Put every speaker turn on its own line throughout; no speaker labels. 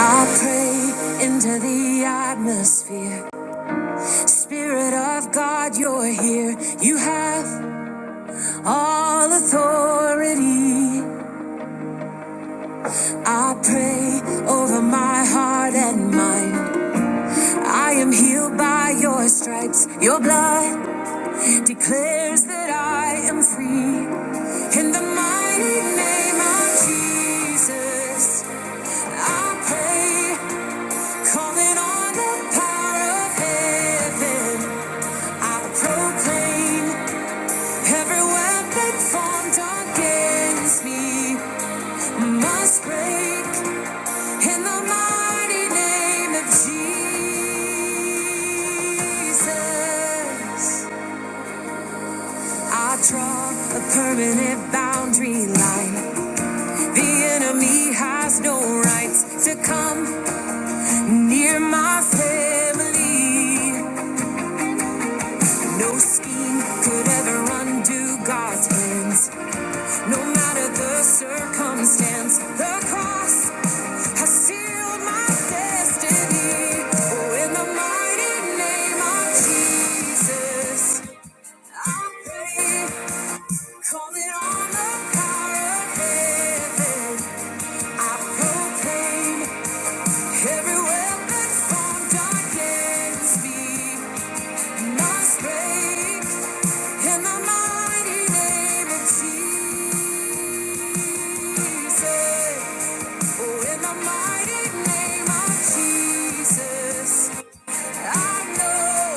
I pray into the atmosphere. Spirit of God, you're here. You have all authority. I pray over my heart and mind. I am healed by your stripes. Your blood declares that I am free. In the mighty name of Jesus, I pray, calling on the power of heaven. I proclaim every weapon formed against me must break in the mighty name of Jesus. I draw a permanent boundary line. The enemy has no rights to come near my family. No scheme could ever undo God's plans. No matter the circumstance, the cross has sealed my destiny. Oh, in the mighty name of Jesus, I pray, calling on the power of heaven. I proclaim every weapon formed against me must break in the mighty name of Jesus. Oh, in the mighty name of Jesus, I know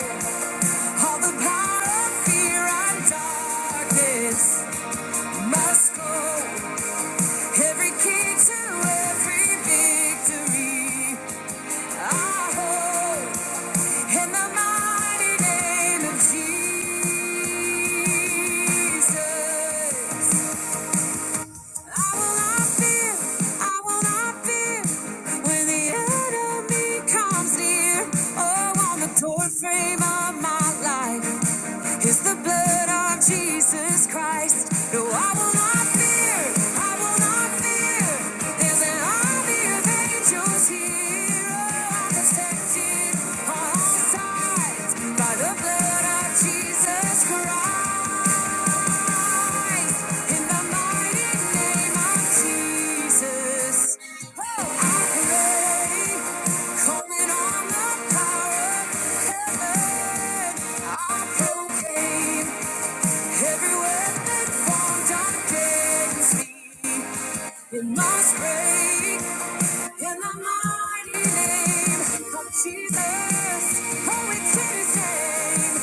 all the power of fear and darkness must go. Every key to every victory, I hold in the mighty name of Jesus. Frame of my life is the blood of Jesus Christ. No, I will not fear. I will not fear. There's an army of angels here. Oh, I'm protected on all sides by the blood of Jesus Christ. It must break in the mighty name of Jesus. Oh, it's in his name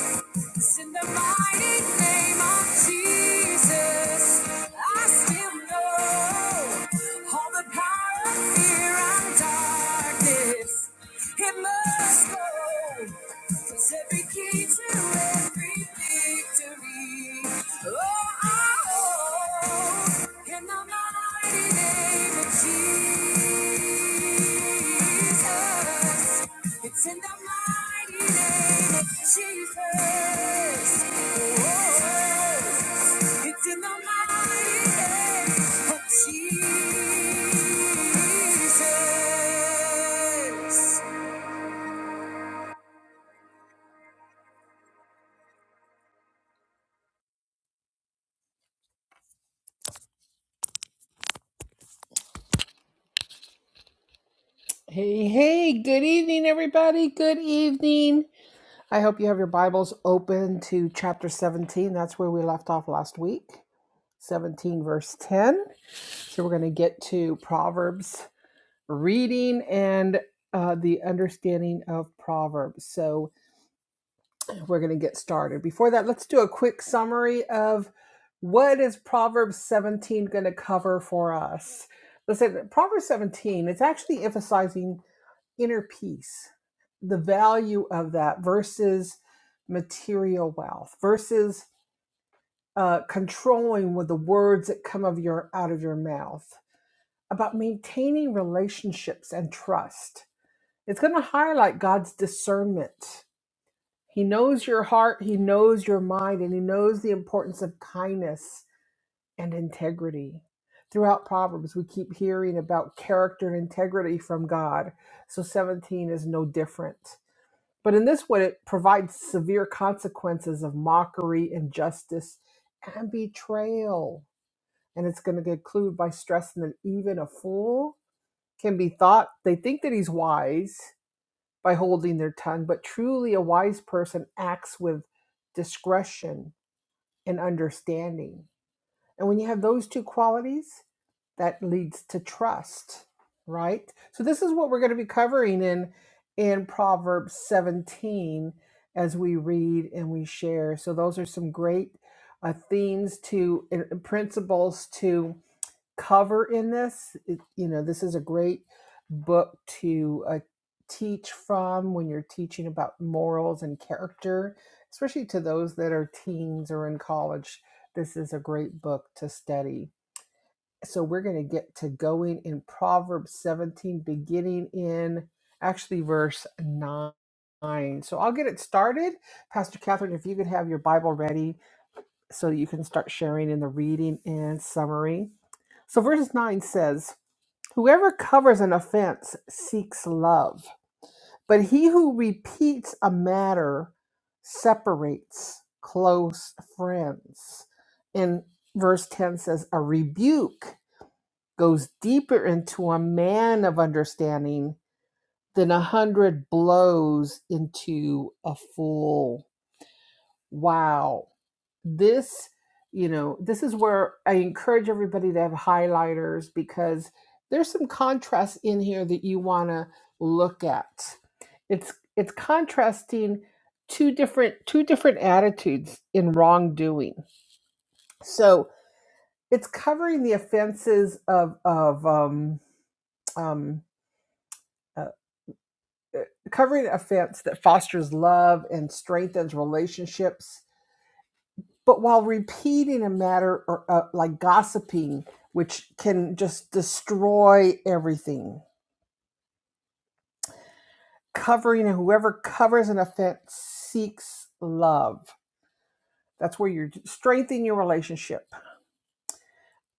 in the mighty name of Jesus, I still know all the power of fear and darkness. It must go. Cause every key to every victory. Oh, oh, oh, in the mighty name of Jesus. It's in the mighty name of Jesus. Oh, it's in the mighty name of Jesus. Hey, hey, good evening, everybody. Good evening. I hope you have your Bibles open to chapter 17. That's where we left off last week, 17, verse 10. So we're going to get to Proverbs reading and uh, the understanding of Proverbs. So we're going to get started. Before that, let's do a quick summary of what is Proverbs 17 going to cover for us. Listen, Proverbs 17, it's actually emphasizing inner peace, the value of that versus material wealth, versus uh, controlling with the words that come of your out of your mouth, about maintaining relationships and trust. It's going to highlight God's discernment. He knows your heart, he knows your mind, and he knows the importance of kindness and integrity. Throughout Proverbs, we keep hearing about character and integrity from God. So 17 is no different. But in this one, it provides severe consequences of mockery, injustice, and betrayal. And it's going to get clued by stressing that even a fool can be thought, they think that he's wise by holding their tongue, but truly a wise person acts with discretion and understanding. And when you have those two qualities, that leads to trust, right? So this is what we're going to be covering in in Proverbs 17 as we read and we share. So those are some great uh, themes to and principles to cover in this. It, you know, this is a great book to uh, teach from when you're teaching about morals and character, especially to those that are teens or in college. This is a great book to study. So we're going to get to going in Proverbs 17, beginning in actually verse 9. So I'll get it started. Pastor Catherine, if you could have your Bible ready so you can start sharing in the reading and summary. So, verse 9 says, Whoever covers an offense seeks love, but he who repeats a matter separates close friends. And verse 10 says, A rebuke goes deeper into a man of understanding than a hundred blows into a fool. Wow this you know this is where i encourage everybody to have highlighters because there's some contrast in here that you want to look at it's it's contrasting two different two different attitudes in wrongdoing so it's covering the offenses of of um um uh, uh, covering offense that fosters love and strengthens relationships but while repeating a matter or uh, like gossiping which can just destroy everything covering and whoever covers an offense seeks love that's where you're strengthening your relationship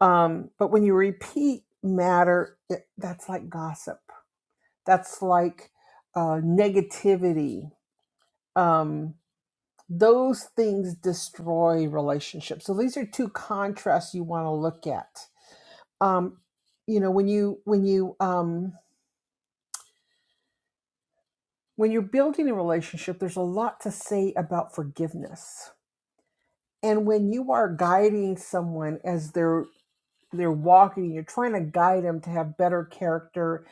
um, but when you repeat matter it, that's like gossip that's like uh, negativity um, those things destroy relationships so these are two contrasts you want to look at um, you know when you when you um, when you're building a relationship there's a lot to say about forgiveness and when you are guiding someone as they're they're walking you're trying to guide them to have better character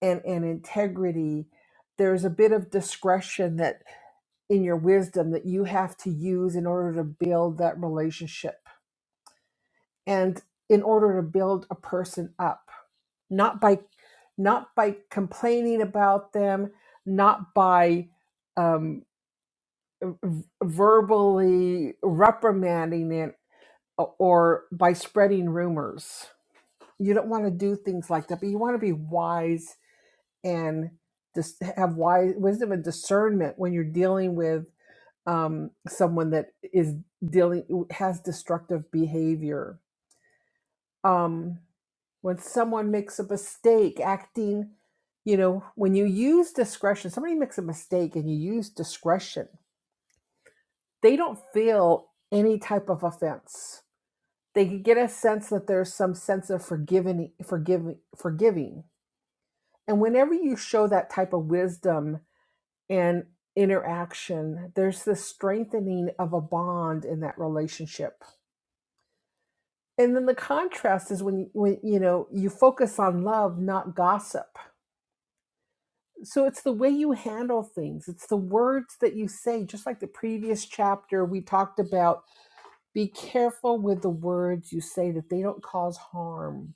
and and integrity there's a bit of discretion that in your wisdom that you have to use in order to build that relationship and in order to build a person up not by not by complaining about them, not by um, v- verbally reprimanding it or by spreading rumors. You don't want to do things like that, but you want to be wise and just have wise wisdom and discernment when you're dealing with um, someone that is dealing has destructive behavior um, when someone makes a mistake, acting, you know, when you use discretion, somebody makes a mistake and you use discretion, they don't feel any type of offense. They can get a sense that there's some sense of forgiving, forgiving, forgiving. And whenever you show that type of wisdom and interaction, there's this strengthening of a bond in that relationship. And then the contrast is when, when you know you focus on love, not gossip So it's the way you handle things, it's the words that you say. Just like the previous chapter, we talked about be careful with the words you say that they don't cause harm,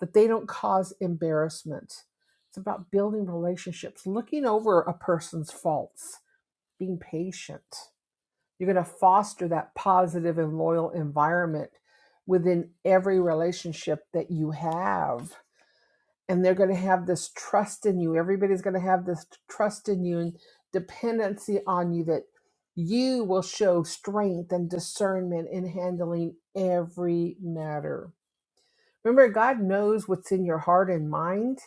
that they don't cause embarrassment. It's about building relationships, looking over a person's faults, being patient. You're going to foster that positive and loyal environment within every relationship that you have and they're going to have this trust in you. Everybody's going to have this trust in you and dependency on you that you will show strength and discernment in handling every matter. Remember, God knows what's in your heart and mind,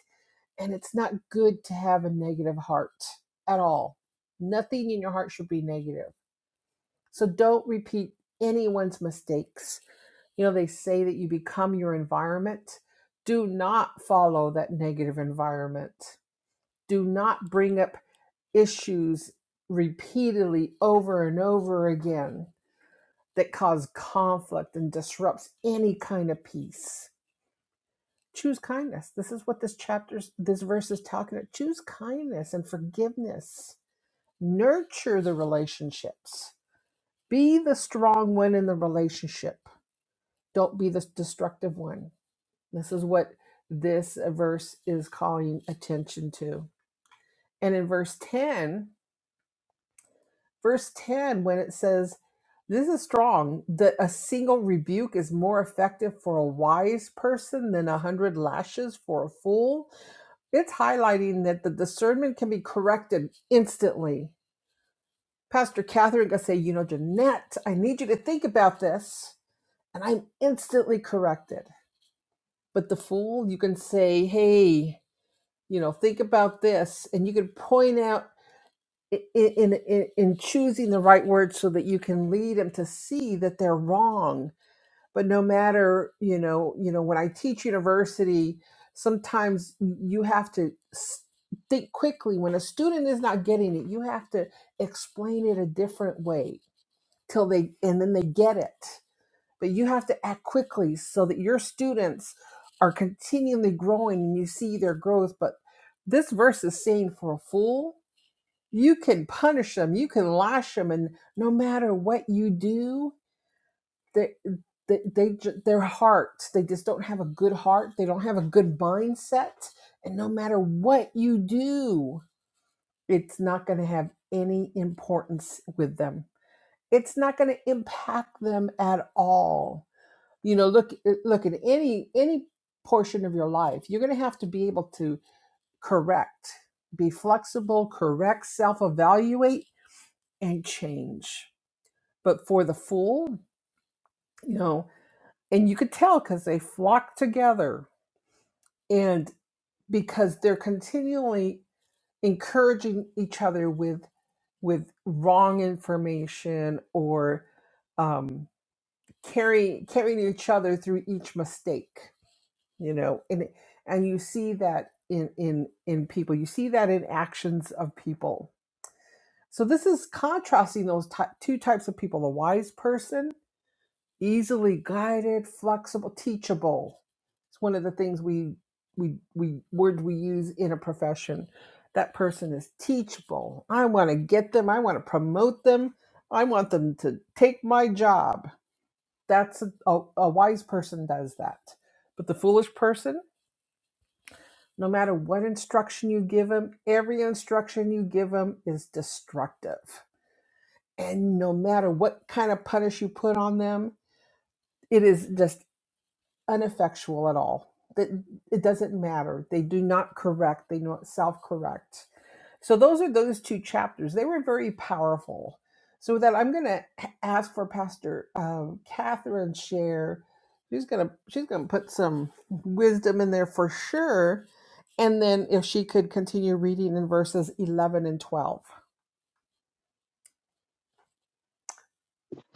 and it's not good to have a negative heart at all. Nothing in your heart should be negative. So don't repeat anyone's mistakes. You know, they say that you become your environment. Do not follow that negative environment do not bring up issues repeatedly over and over again that cause conflict and disrupts any kind of peace choose kindness this is what this chapter, this verse is talking about choose kindness and forgiveness nurture the relationships be the strong one in the relationship don't be the destructive one this is what this verse is calling attention to and in verse 10 verse 10 when it says this is strong that a single rebuke is more effective for a wise person than a hundred lashes for a fool it's highlighting that the discernment can be corrected instantly pastor catherine can say you know jeanette i need you to think about this and i'm instantly corrected but the fool you can say hey you know think about this and you can point out i- in, in in choosing the right words so that you can lead them to see that they're wrong but no matter you know you know when i teach university sometimes you have to s- think quickly when a student is not getting it you have to explain it a different way till they and then they get it but you have to act quickly so that your students are continually growing and you see their growth but this verse is saying for a fool you can punish them you can lash them and no matter what you do they, they, they ju- their hearts they just don't have a good heart they don't have a good mindset and no matter what you do it's not going to have any importance with them it's not going to impact them at all you know look eh, look at any any portion of your life you're going to have to be able to correct be flexible correct self-evaluate and change. But for the fool, you know, and you could tell because they flock together and because they're continually encouraging each other with with wrong information or um, carrying carrying each other through each mistake, you know, and and you see that in in in people, you see that in actions of people. So this is contrasting those ty- two types of people: the wise person easily guided, flexible, teachable. It's one of the things we we we word we use in a profession. That person is teachable. I want to get them. I want to promote them. I want them to take my job. That's a, a, a wise person does that. But the foolish person, no matter what instruction you give them, every instruction you give them is destructive. And no matter what kind of punish you put on them, it is just ineffectual at all. That it doesn't matter. They do not correct. They not self-correct. So those are those two chapters. They were very powerful. So with that I'm going to ask for Pastor um, Catherine share. She's going to she's going to put some wisdom in there for sure. And then if she could continue reading in verses 11 and 12.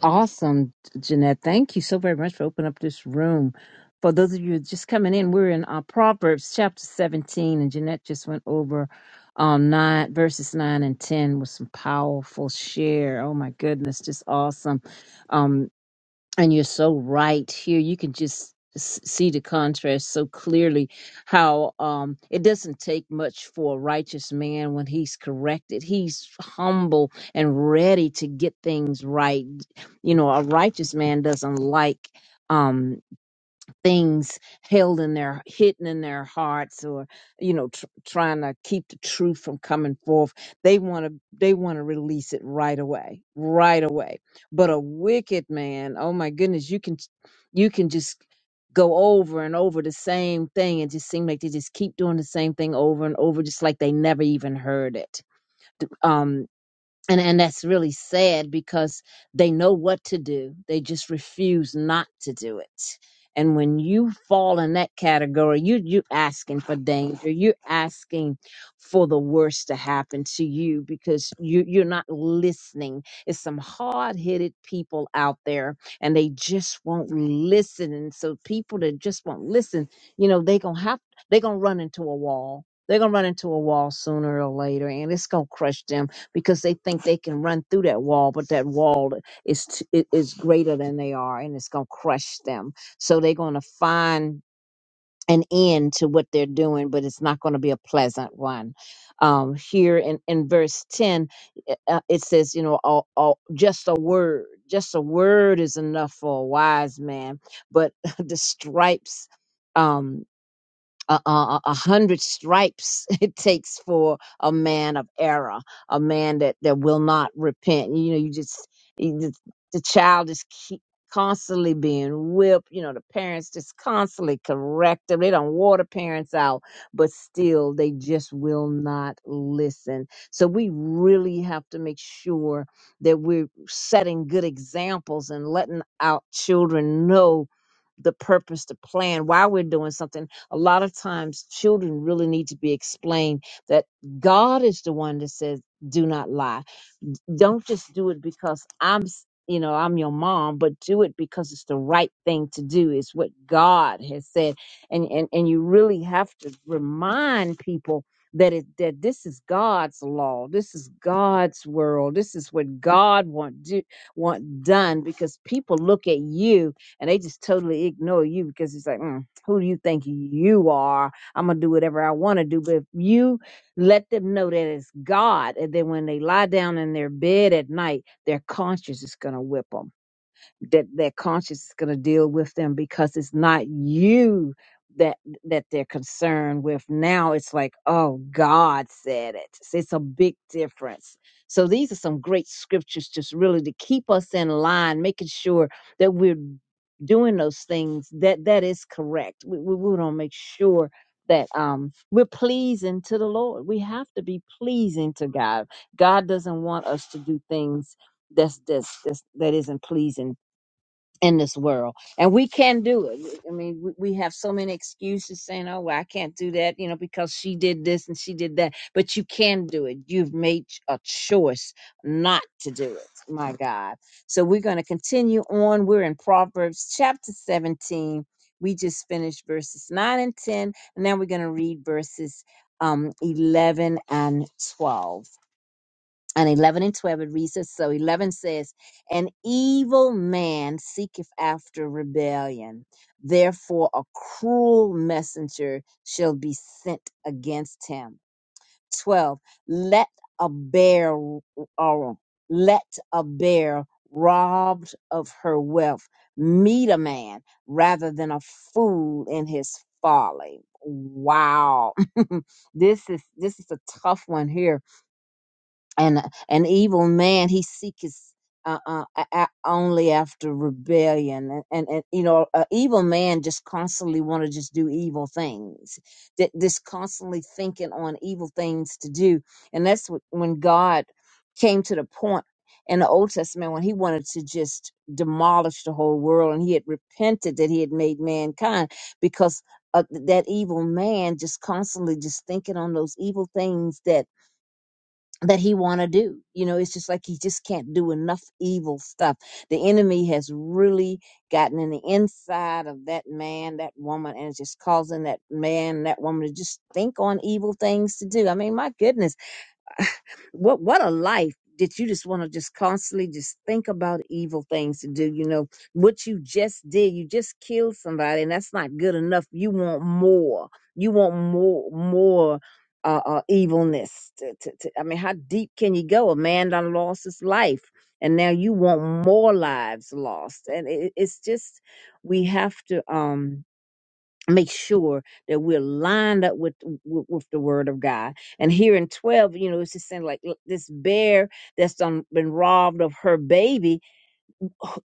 Awesome, Jeanette. Thank you so very much for opening up this room. For those of you just coming in, we're in uh, Proverbs chapter 17, and Jeanette just went over um, nine verses 9 and 10 with some powerful share. Oh my goodness, just awesome. Um, and you're so right here you can just s- see the contrast so clearly how um it doesn't take much for a righteous man when he's corrected he's humble and ready to get things right you know a righteous man doesn't like um things held in their hidden in their hearts or you know tr- trying to keep the truth from coming forth they want to they want to release it right away right away but a wicked man oh my goodness you can you can just go over and over the same thing and just seem like they just keep doing the same thing over and over just like they never even heard it and and that's really sad because they know what to do they just refuse not to do it and when you fall in that category you you asking for danger you're asking for the worst to happen to you because you you're not listening it's some hard-headed people out there and they just won't listen and so people that just won't listen you know they gonna have they gonna run into a wall they're gonna run into a wall sooner or later and it's gonna crush them because they think they can run through that wall, but that wall is t- i- is greater than they are, and it's gonna crush them. So they're gonna find an end to what they're doing, but it's not gonna be a pleasant one. Um, here in in verse ten, i- uh, it says, you know, all, all, just a word, just a word is enough for a wise man, but the stripes. Um, a, a, a hundred stripes it takes for a man of error, a man that, that will not repent. You know, you just, you just- the child is keep constantly being whipped. You know, the parents just constantly correct them. They don't water parents out, but still they just will not listen. So we really have to make sure that we're setting good examples and letting our children know the purpose, the plan, why we're doing something a lot of times children really need to be explained that God is the one that says, do not lie. Don't just do it because I'm, s- you know, I'm your mom, but do it because it's the right thing to do. It's what God has said. And, and, and you really have to remind people that it, that this is God's law. This is God's world. This is what God want do, want done because people look at you and they just totally ignore you because it's like, mm, who do you think you are? I'm gonna do whatever I want to do. But if you let them know that it's God, and then when they lie down in their bed at night, their conscience is gonna whip whip them that their conscience is going to deal with them because it's not you that that they're concerned with now it's like oh god said it So it's a big difference so these are some great scriptures just really to keep us in line making sure that we're doing those things that that is correct we, we want to make sure that um we're pleasing to the lord we have to be pleasing to god god doesn't want us to do things that's that's, that's that isn't pleasing in this world and we can do it i mean we, we have so many excuses saying oh well, i can't do that you know because she did this and she did that but you can do it you've made a choice not to do it my god so we're going to continue on we're in proverbs chapter 17 we just finished verses 9 and 10 and now we're going to read verses um 11 and 12 and 11 and 12 it reads this so 11 says an evil man seeketh after rebellion therefore a cruel messenger shall be sent against him 12 let a bear or let a bear robbed of her wealth meet a man rather than a fool in his folly wow this is this is a tough one here and an evil man he seeketh uh, uh, a- a- only after rebellion and, and, and you know an evil man just constantly want to just do evil things that just constantly thinking on evil things to do and that's what, when god came to the point in the old testament when he wanted to just demolish the whole world and he had repented that he had made mankind because uh, that evil man just constantly just thinking on those evil things that that he want to do you know it's just like he just can't do enough evil stuff the enemy has really gotten in the inside of that man that woman and it's just causing that man that woman to just think on evil things to do i mean my goodness what what a life that you just want to just constantly just think about evil things to do you know what you just did you just killed somebody and that's not good enough you want more you want more more uh, uh evilness to, to, to, i mean how deep can you go a man done lost his life and now you want more lives lost and it, it's just we have to um make sure that we're lined up with, with with the word of God. And here in 12, you know, it's just saying like look, this bear that's done been robbed of her baby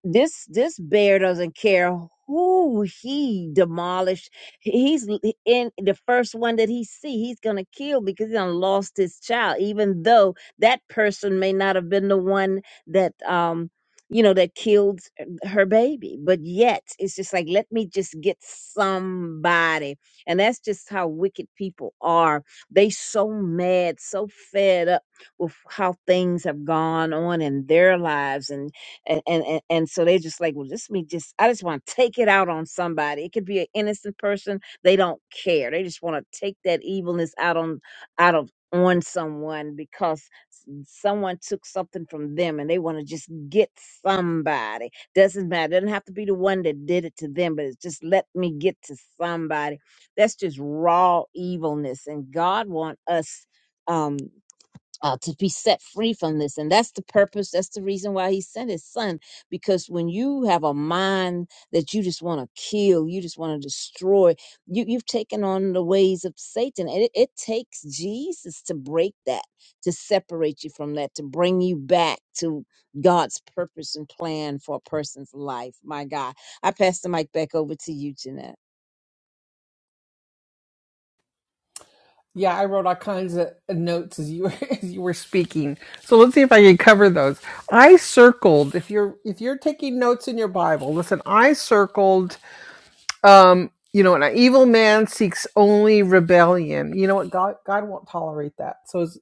this this bear doesn't care who he demolished he's in the first one that he see he's gonna kill because he done lost his child even though that person may not have been the one that um you know that killed her baby but yet it's just like let me just get somebody and that's just how wicked people are they so mad so fed up with how things have gone on in their lives and and and and, and so they just like well just me just i just want to take it out on somebody it could be an innocent person they don't care they just want to take that evilness out on out of on someone because s- someone took something from them and they want to just get somebody doesn't matter doesn't have to be the one that did it to them but it's just let me get to somebody that's just raw evilness and god want us um uh, to be set free from this. And that's the purpose. That's the reason why he sent his son. Because when you have a mind that you just want to kill, you just want to destroy, you, you've taken on the ways of Satan. And it, it takes Jesus to break that, to separate you from that, to bring you back to God's purpose and plan for a person's life. My God. I pass the mic back over to you, Jeanette.
Yeah, I wrote all kinds of notes as you as you were speaking. So let's see if I can cover those. I circled if you're if you're taking notes in your Bible. Listen, I circled. Um, you know, an evil man seeks only rebellion. You know what? God God won't tolerate that. So it's,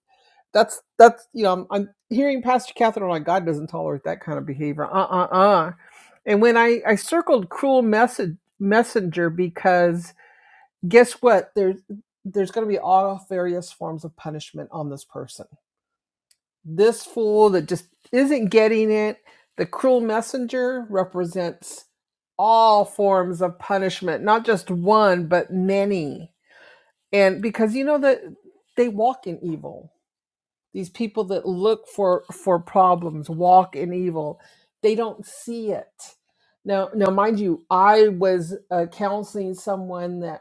that's that's you know I'm, I'm hearing Pastor Catherine like God doesn't tolerate that kind of behavior. Uh uh uh. And when I I circled cruel message messenger because guess what? There's there's going to be all various forms of punishment on this person. This fool that just isn't getting it. The cruel messenger represents all forms of punishment, not just one, but many. And because you know that they walk in evil. These people that look for for problems walk in evil. They don't see it. Now, now, mind you, I was uh, counseling someone that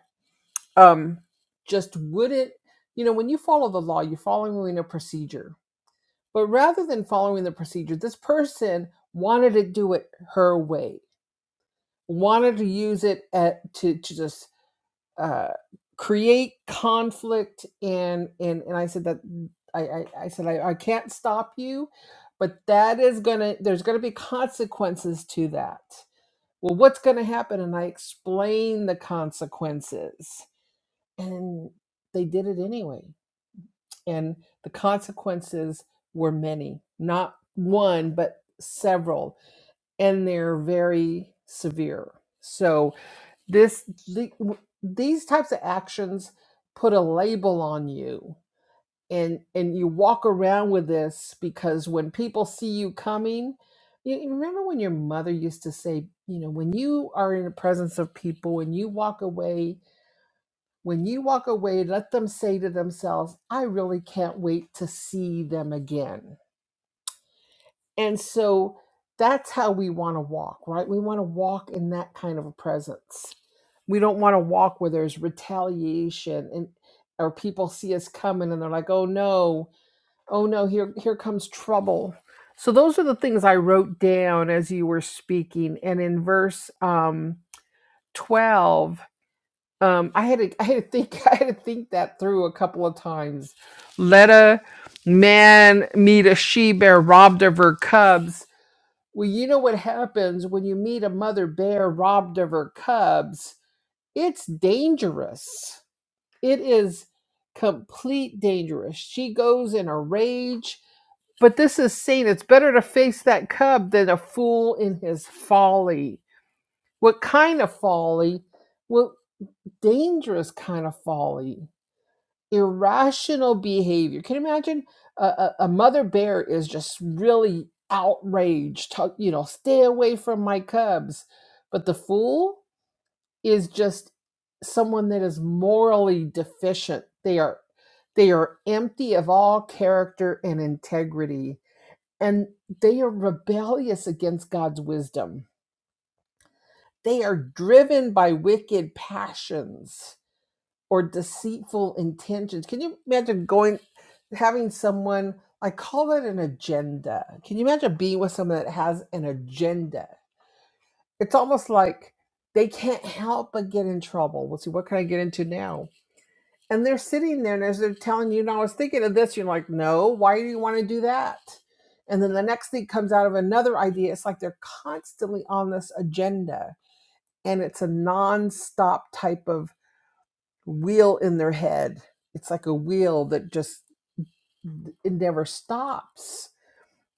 um, just wouldn't, you know, when you follow the law, you're following a procedure. But rather than following the procedure, this person wanted to do it her way, wanted to use it at, to, to just uh, create conflict. And, and, and I said that, I, I, I said, I, I can't stop you, but that is going to, there's going to be consequences to that. Well, what's going to happen? And I explain the consequences and they did it anyway and the consequences were many not one but several and they're very severe so this the, these types of actions put a label on you and and you walk around with this because when people see you coming you you remember when your mother used to say you know when you are in the presence of people and you walk away when you walk away, let them say to themselves, I really can't wait to see them again. And so that's how we want to walk, right? We want to walk in that kind of a presence. We don't want to walk where there's retaliation and or people see us coming and they're like, "Oh no. Oh no, here here comes trouble." So those are the things I wrote down as you were speaking and in verse um 12 um, I had to, I had to think, I had to think that through a couple of times. Let a man meet a she bear robbed of her cubs. Well, you know what happens when you meet a mother bear robbed of her cubs? It's dangerous. It is complete dangerous. She goes in a rage. But this is saying it's better to face that cub than a fool in his folly. What kind of folly? Well, dangerous kind of folly irrational behavior. Can you imagine a, a, a mother bear is just really outraged, talk, you know, stay away from my cubs. But the fool is just someone that is morally deficient. They are they are empty of all character and integrity and they are rebellious against God's wisdom. They are driven by wicked passions or deceitful intentions. Can you imagine going, having someone, I call it an agenda. Can you imagine being with someone that has an agenda? It's almost like they can't help but get in trouble. Well, see, what can I get into now? And they're sitting there and as they're telling you, no, I was thinking of this, you're like, no, why do you want to do that? And then the next thing comes out of another idea. It's like they're constantly on this agenda and it's a nonstop type of wheel in their head. It's like a wheel that just it never stops.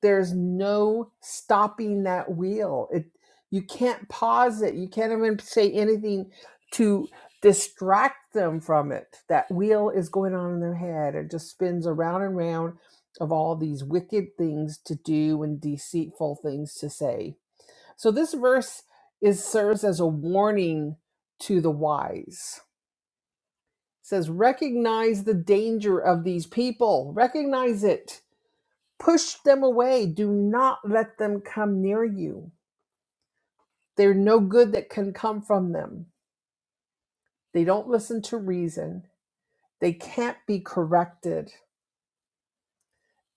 There's no stopping that wheel. It you can't pause it. You can't even say anything to distract them from it. That wheel is going on in their head. It just spins around and round of all these wicked things to do and deceitful things to say. So this verse is serves as a warning to the wise says recognize the danger of these people recognize it push them away do not let them come near you There's no good that can come from them they don't listen to reason they can't be corrected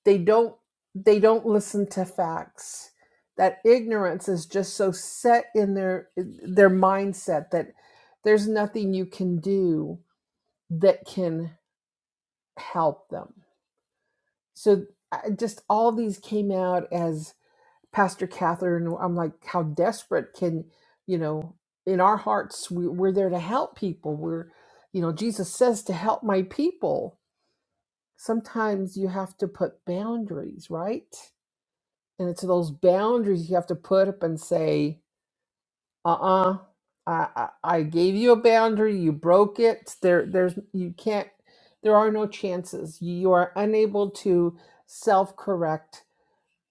they don't they don't listen to facts that ignorance is just so set in their their mindset that there's nothing you can do that can help them so I just all these came out as. Pastor Catherine, I'm like, how desperate can, you know, in our hearts, we, we're there to help people. We're, you know, Jesus says to help my people. Sometimes you have to put boundaries, right? And it's those boundaries you have to put up and say, uh-uh, I, I, I gave you a boundary, you broke it. There, there's, you can't, there are no chances. You are unable to self-correct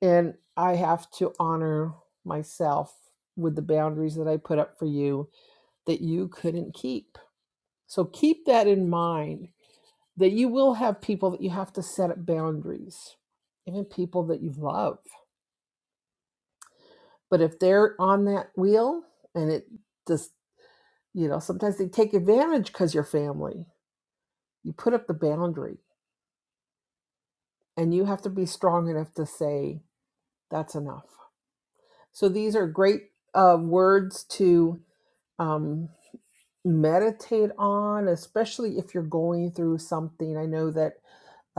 and I have to honor myself with the boundaries that I put up for you that you couldn't keep. So keep that in mind that you will have people that you have to set up boundaries, even people that you love. But if they're on that wheel and it just, you know, sometimes they take advantage because you're family, you put up the boundary and you have to be strong enough to say, that's enough. So these are great uh, words to. Um, meditate on, especially if you're going through something. I know that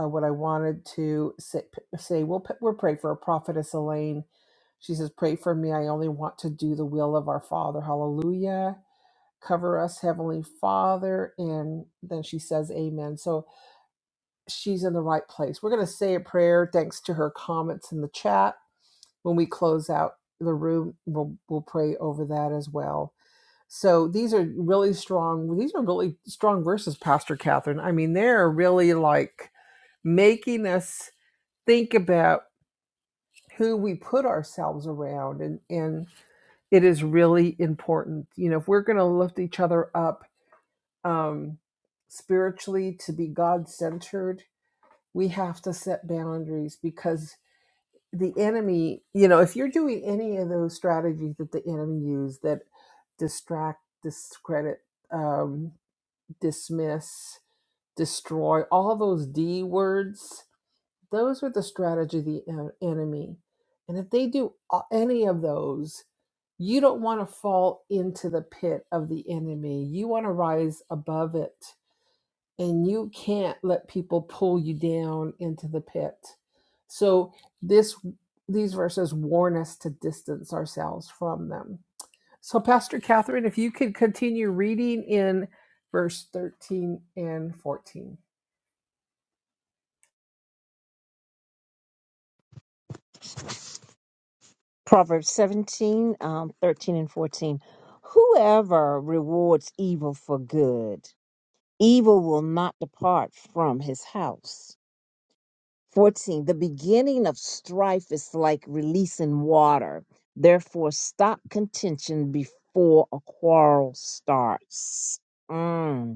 uh, what I wanted to say, say we'll, we'll pray for a prophetess Elaine. She says, Pray for me. I only want to do the will of our Father. Hallelujah. Cover us, Heavenly Father. And then she says, Amen. So she's in the right place. We're going to say a prayer thanks to her comments in the chat. When we close out the room, we'll, we'll pray over that as well. So these are really strong. These are really strong verses, Pastor Catherine. I mean, they're really like making us think about who we put ourselves around, and and it is really important. You know, if we're going to lift each other up um, spiritually to be God centered, we have to set boundaries because the enemy. You know, if you're doing any of those strategies that the enemy used that distract, discredit. Um, dismiss, destroy, all those D words, those are the strategy of the en- enemy. And if they do a- any of those, you don't want to fall into the pit of the enemy. You want to rise above it. And you can't let people pull you down into the pit. So this these verses warn us to distance ourselves from them so, Pastor Catherine, if you could continue reading in verse 13 and 14.
Proverbs 17, um, 13 and 14. Whoever rewards evil for good, evil will not depart from his house. 14. The beginning of strife is like releasing water. Therefore, stop contention before a quarrel starts. Mm.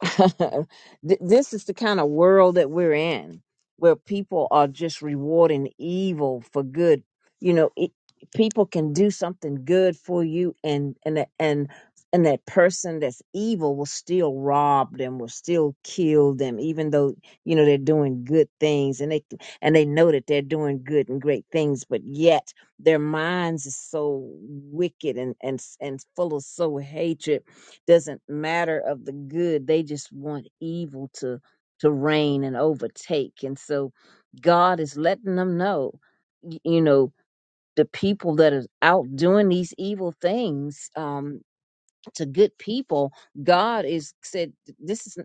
Th- this is the kind of world that we're in where people are just rewarding evil for good you know it, people can do something good for you and and that- and and that person that's evil will still rob them will still kill them even though you know they're doing good things and they and they know that they're doing good and great things but yet their minds is so wicked and and and full of so hatred doesn't matter of the good they just want evil to to reign and overtake and so god is letting them know y- you know the people that are out doing these evil things um, to good people, God is said, this is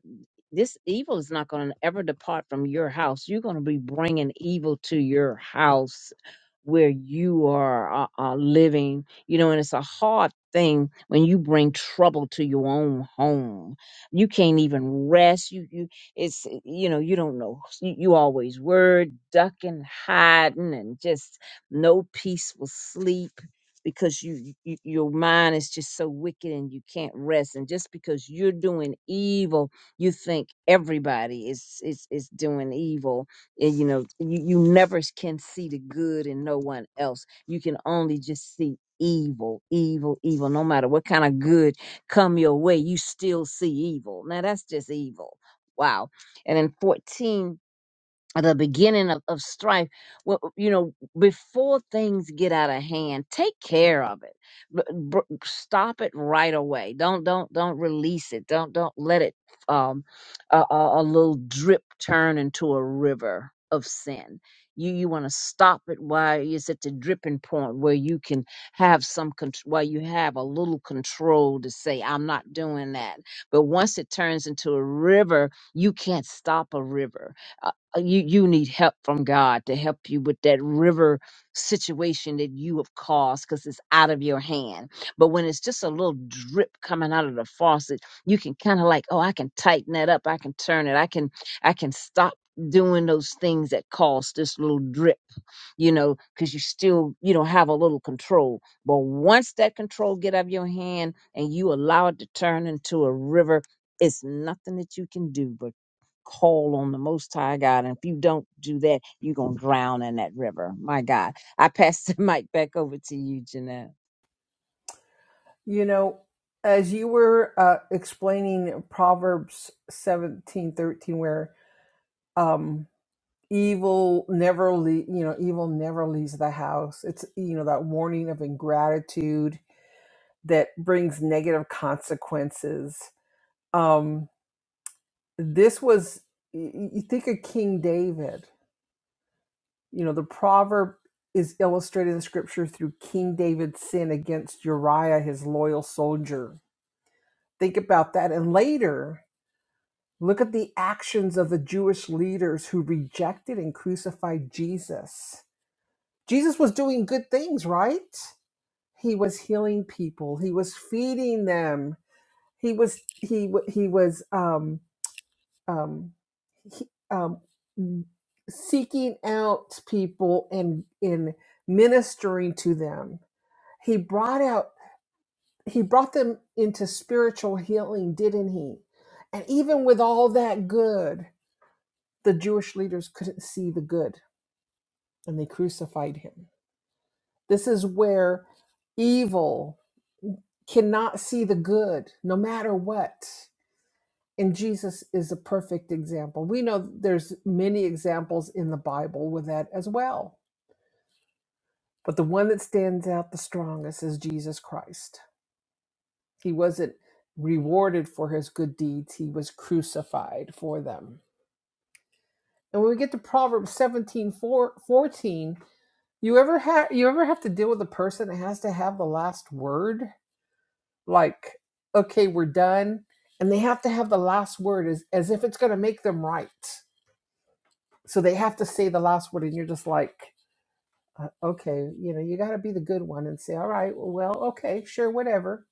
this evil is not going to ever depart from your house. You're going to be bringing evil to your house where you are uh, uh, living. You know, and it's a hard thing when you bring trouble to your own home. You can't even rest. You you it's you know you don't know. You, you always worried, ducking, hiding, and just no peaceful sleep because you, you your mind is just so wicked and you can't rest and just because you're doing evil you think everybody is is is doing evil and you know you, you never can see the good in no one else you can only just see evil evil evil no matter what kind of good come your way you still see evil now that's just evil wow and then 14 the beginning of, of strife well you know before things get out of hand take care of it B- b- stop it right away don't don't don't release it don't don't let it um a, a, a little drip turn into a river of sin you you want to stop it while it's at the dripping point where you can have some control while you have a little control to say i'm not doing that but once it turns into a river you can't stop a river uh, you you need help from God to help you with that river situation that you have caused because it's out of your hand. But when it's just a little drip coming out of the faucet, you can kind of like, oh, I can tighten that up, I can turn it, I can I can stop doing those things that cause this little drip, you know, because you still you don't have a little control. But once that control get out of your hand and you allow it to turn into a river, it's nothing that you can do, call on the Most High God. And if you don't do that, you're going to drown in that river. My God. I pass the mic back over to you, Jeanette.
You know, as you were uh, explaining Proverbs 17 13, where um, evil never, le- you know, evil never leaves the house. It's, you know, that warning of ingratitude that brings negative consequences. Um, this was, y- y- you think of King David You know, the proverb is illustrated in scripture through King David's sin against Uriah, his loyal soldier. Think about that. And later, look at the actions of the Jewish leaders who rejected and crucified Jesus. Jesus was doing good things, right? He was healing people. He was feeding them. He was he he was um, um, he- um, seeking out people and in ministering to them. He brought out he brought them into spiritual healing, didn't he? And even with all that good, the Jewish leaders couldn't see the good and they crucified him. This is where evil cannot see the good no matter what. and Jesus is a perfect example. We know there's many examples in the Bible with that as well. But the one that stands out the strongest is Jesus Christ. He wasn't rewarded for his good deeds, he was crucified for them. And when we get to Proverbs 17 four fourteen, you ever have you ever have to deal with a person that has to have the last word? Like, okay, we're done. And they have to have the last word as, as if it's gonna make them right. so they have to say the last word and you're just like uh, okay you know you got to be the good one and say all right well okay sure whatever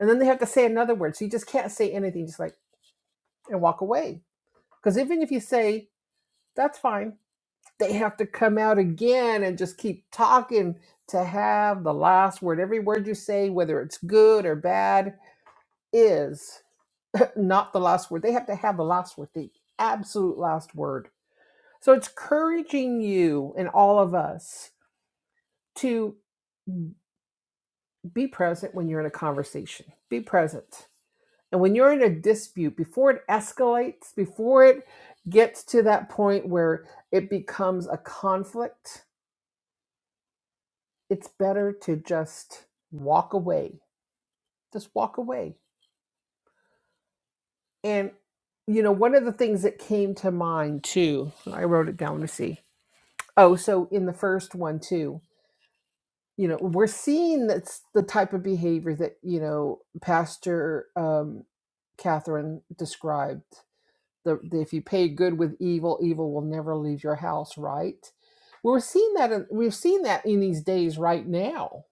and then they have to say another word so you just can't say anything just like and walk away because even if you say that's fine they have to come out again and just keep talking to have the last word every word you say whether it's good or bad is not the last word they have to have the last word the absolute last word so it's encouraging you and all of us to. Be present when you're in a conversation. Be present. And when you're in a dispute, before it escalates, before it gets to that point where it becomes a conflict, it's better to just walk away. Just walk away. And, you know, one of the things that came to mind too, I wrote it down to see. Oh, so in the first one too, you know, we're seeing that's the type of behavior that, you know, Pastor um, Catherine described the, the- if you pay good with evil, evil will never leave your house, right? We're seeing that in, we've seen that in these days right now.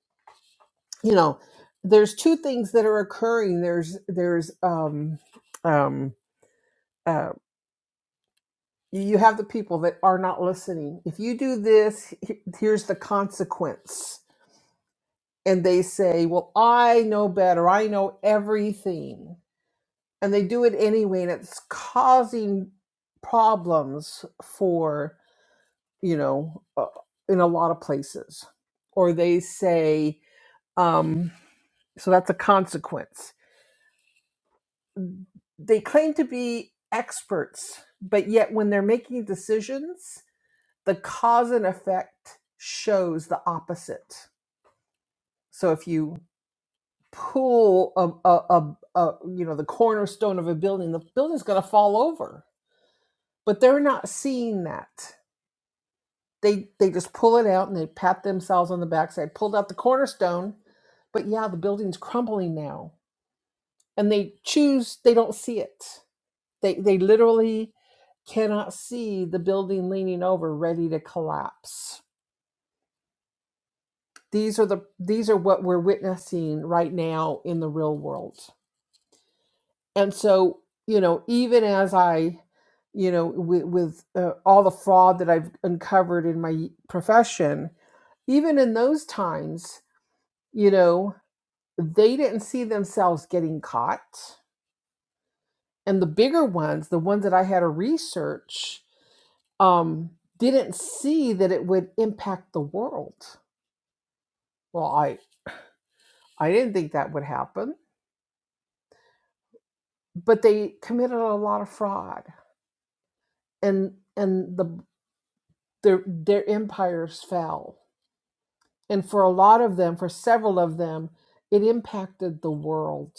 You know, there's two things that are occurring. There's there's um um uh you have the people that are not listening. If you do this, he- here's the consequence. And they say, "Well, I know better. I know everything." And they do it anyway, and it's causing problems for you know, uh, in a lot of places. Or they say, um, so that's a consequence. They claim to be experts, but yet when they're making decisions, the cause and effect shows the opposite. So if you pull a, a, a, a you know the cornerstone of a building, the building's going to fall over. But they're not seeing that They they just pull it out and they pat themselves on the backside. Pulled out the cornerstone, but yeah, the building's crumbling now. And they choose they don't see it. They they literally cannot see the building leaning over ready to collapse. These are the these are what we're witnessing right now in the real world. And so, you know, even as I you know, with, with uh, all the fraud that I've uncovered in my profession, even in those times, you know, They didn't see themselves getting caught. And the bigger ones, the ones that I had to research, um, didn't see that it would impact the world. Well, I, I didn't think that would happen. But they committed a lot of fraud and and the their their empires fell. And for a lot of them, for several of them, it impacted the world.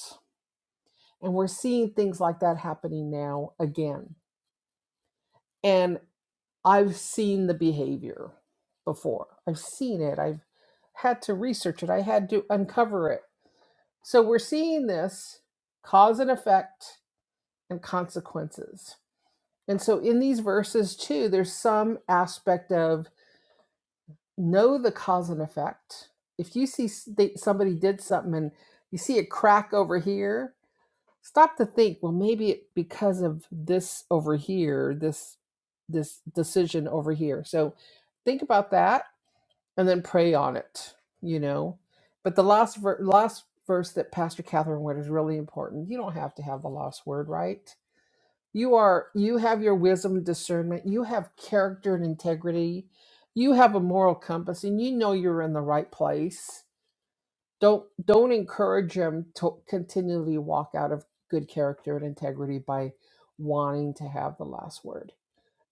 And we're seeing things like that happening now again. and. I've seen the behavior before. I've seen it. I've had to research it. I had to uncover it. So we're seeing this cause and effect and consequences. And so in these verses, too, there's some aspect of know the cause and effect. If you see somebody did something and you see a crack over here, stop to think, well, maybe it because of this over here, this this decision over here. So think about that and then pray on it, you know. But the last ver- last verse that Pastor Catherine read is really important. You don't have to have the last word, right? You are you have your wisdom and discernment. You have character and integrity. You have a moral compass, and you know you're in the right place. Don't don't encourage them to continually walk out of good character and integrity by wanting to have the last word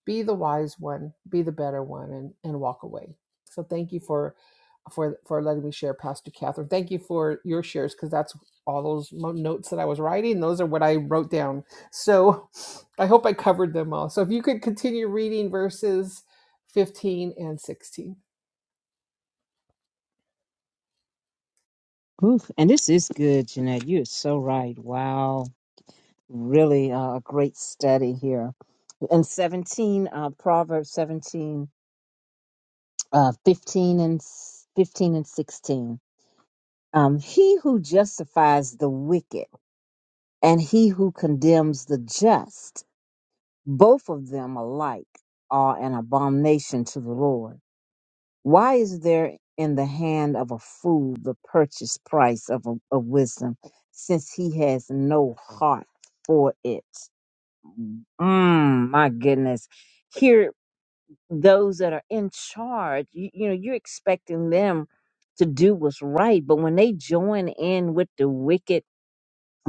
be the wise one be the better one and and walk away so thank you for for for letting me share pastor catherine thank you for your shares because that's all those mo- notes that i was writing those are what i wrote down so i hope i covered them all so if you could continue reading verses 15 and 16.
Oof, and this is good, Jeanette. You are so right. Wow. Really uh, a great study here. And 17, uh, Proverbs 17, Uh, 15 and s- 15 and 16. um, he who justifies the wicked and he who condemns the just, both of them alike are an abomination to the Lord. Why is there in the hand of a fool the purchase price of, a- of wisdom, since he has no heart for it? Mm, my goodness. Here, those that are in charge, you, you know, you're expecting them to do what's right, but when they join in with the wicked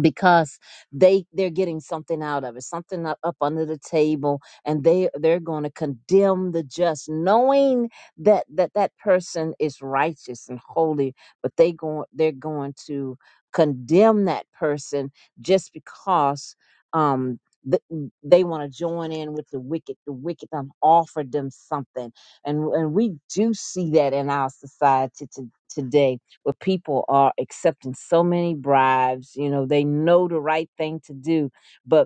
because they they're getting something out of it something up, up under the table and they they're going to condemn the just knowing that that that person is righteous and holy but they going they're going to condemn that person just because um th- they want to join in with the wicked the wicked done offered them something and and we do see that in our society to, today where people are accepting so many bribes. You know, they know the right thing to do, but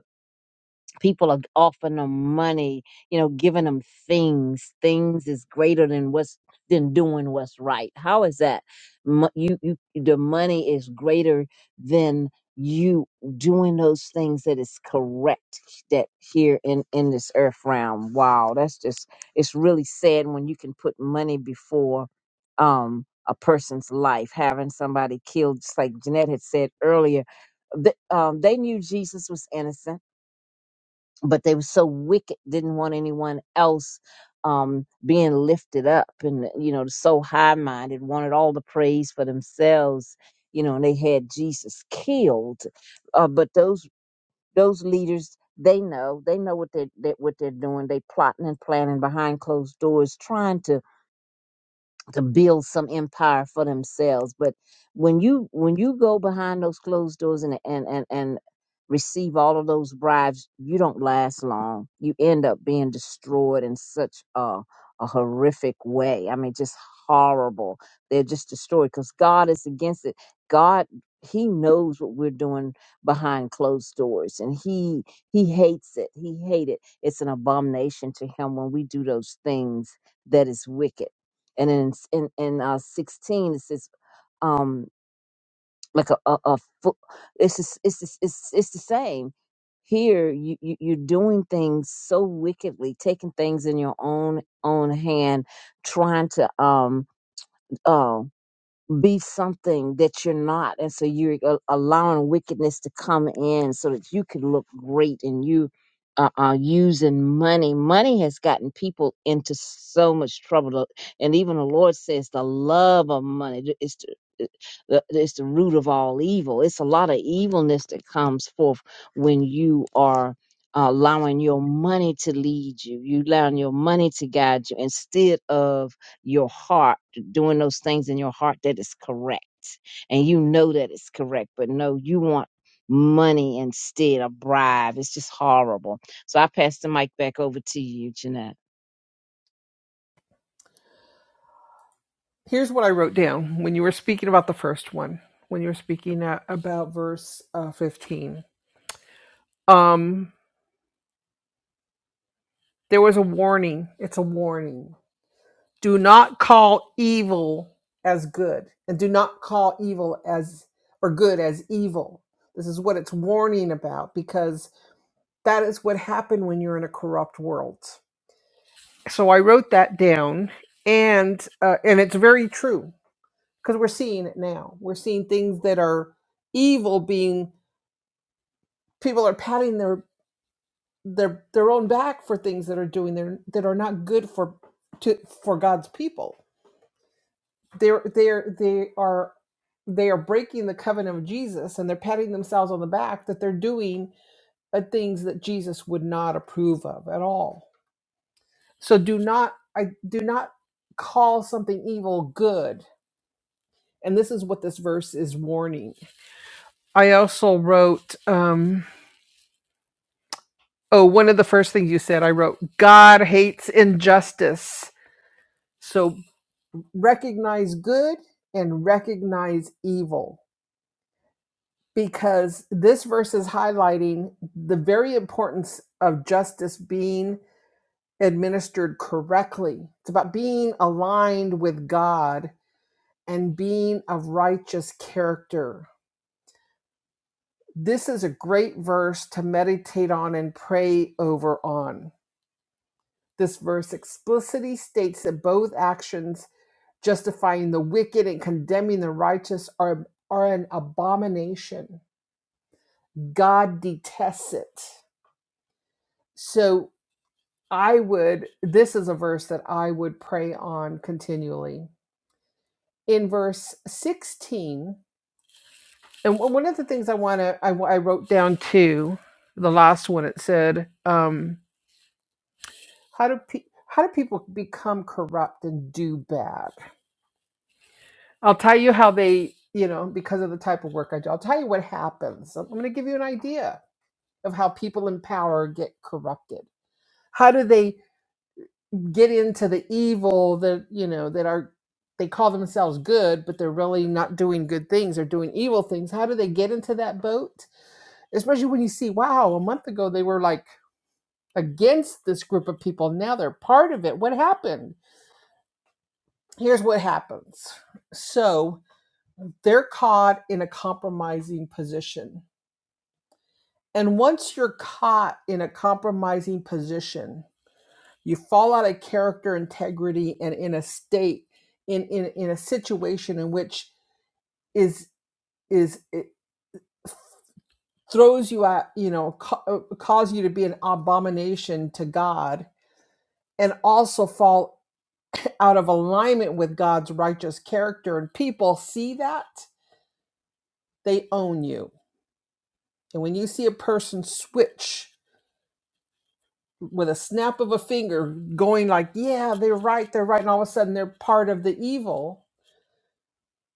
people are offering them money, you know, giving them things. Things is greater than what's than doing what's right. How is that? Mo- You, you, the money is greater than you doing those things that is correct that here in in this earth realm. Wow, that's just it's really sad when you can put money before um a person's life, having somebody killed, just like Jeanette had said earlier. th- um, they knew Jesus was innocent but they were so wicked didn't want anyone else um being lifted up and you know so high minded wanted all the praise for themselves you know and they had jesus killed uh, but those those leaders they know they know what they, they what they're doing they plotting and planning behind closed doors trying to to build some empire for themselves. But when you when you go behind those closed doors and and and, and receive all of those bribes, you don't last long. You end up being destroyed in such a a horrific way. I mean, just horrible. They're just destroyed because God is against it. God he knows what we're doing behind closed doors and he he hates it he hates it it's an abomination to him when we do those things that is wicked and in in, in uh, 16 it says um like a, a, a fo- it's, just, it's just- it's it's the same here you, you you're doing things so wickedly taking things in your own own hand trying to um oh, be something that you're not and so you're a- allowing wickedness to come in so that you can look great and you uh, uh using money money has gotten people into so much trouble The- and even the lord says the love of money th- is the, it- the- it's the root of all evil it's a lot of evilness that comes forth when you are allowing your money to lead you you allowing your money to guide you instead of your heart doing those things in your heart that is correct and you know that it's correct but no you want money instead a bribe it's just horrible so i pass the mic back over to you jeanette
Here's what I wrote down when you were speaking about the first one, when you were speaking uh, about verse uh, 15. Um, there was a warning. It's a warning. do not call evil as good and do not call evil as or good as evil this is what it's warning about because that is what happened when you're in a corrupt world so i wrote that down and uh, and it's very true because we're seeing it now we're seeing things that are evil being people are patting their their their own back for things that are doing their that are not good for to for god's people they're they're they are they are breaking the covenant of Jesus and they're patting themselves on the back that they're doing uh, things that Jesus would not approve of at all. So do not I do not call something evil good. And this is what this verse is warning. I also wrote um oh one of the first things you said I wrote God hates injustice. So recognize good and recognize evil because this verse is highlighting the very importance of justice being administered correctly. It's about being aligned with God and being of righteous character. This is a great verse to meditate on and pray over on. This verse explicitly states that both actions, justifying the wicked and condemning the righteous, are, are an abomination. God detests it. So I would, this is a verse that I would pray on continually. In verse 16, and one of the things I want to, I, I wrote down too, the last one, it said, um, how do pe- how do people become corrupt and do bad? I'll tell you how they, you know, because of the type of work I do. I'll tell you what happens. I'm going to give you an idea of how people in power get corrupted. How do they get into the evil that you know that are they call themselves good but they're really not doing good things they're doing evil things how do they get into that boat especially when you see wow a month ago they were like against this group of people now they're part of it what happened here's what happens so they're caught in a compromising position and once you're caught in a compromising position you fall out of character integrity and in a state in in, in a situation in which is is it throws you out you know ca- uh, cause you to be an abomination to god and also fall out of alignment with god's righteous character and people see that they own you and when you see a person switch with a snap of a finger going like yeah they're right they're right and all of a sudden they're part of the evil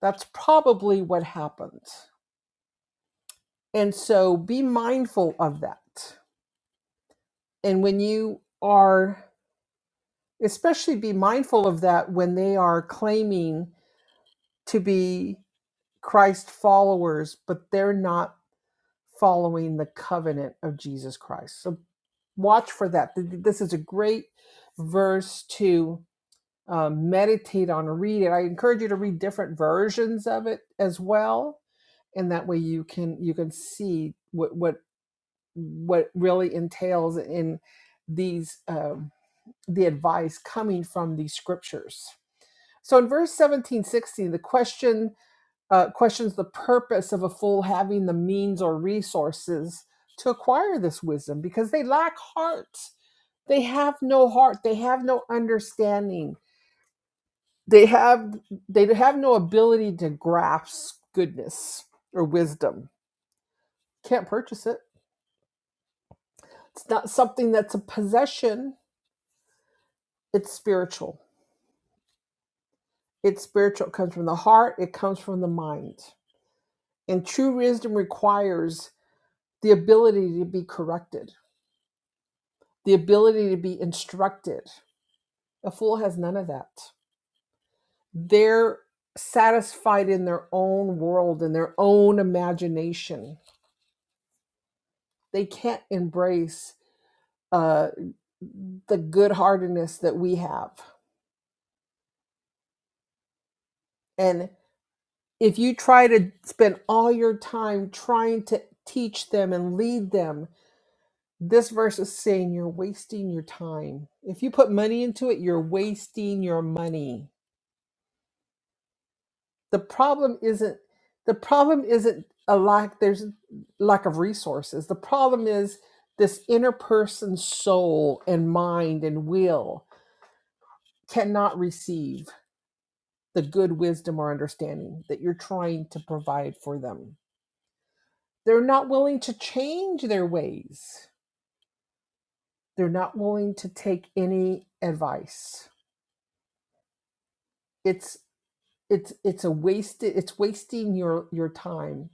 that's probably what happened And so be mindful of that. And when you are, especially be mindful of that when they are claiming to be Christ followers, but they're not following the covenant of Jesus Christ. So watch for that. Th- th- This is a great verse to um, meditate on, read it. I encourage you to read different versions of it as well and that way you can you can see what what what really entails in these um, the advice coming from these scriptures so in verse 17 sixteen, the question uh, questions the purpose of a fool having the means or resources to acquire this wisdom because they lack heart they have no heart they have no understanding they have they have no ability to grasp goodness or wisdom can't purchase it it's not something that's a possession it's spiritual It's spiritual, it comes from the heart, it comes from the mind. And true wisdom requires the ability to be corrected, the ability to be instructed. A fool has none of that. They're satisfied in their own world, in their own imagination. They can't embrace uh, the good heartedness that we have. And if you try to spend all your time trying to teach them and lead them This verse is saying you're wasting your time. If you put money into it, you're wasting your money. The problem isn't the problem isn't a lack there's lack of resources. The problem is this inner person's soul and mind and will cannot receive the good wisdom or understanding that you're trying to provide for them. They're not willing to change their ways. They're not willing to take any advice. It's it's it's a wasted it's wasting your your time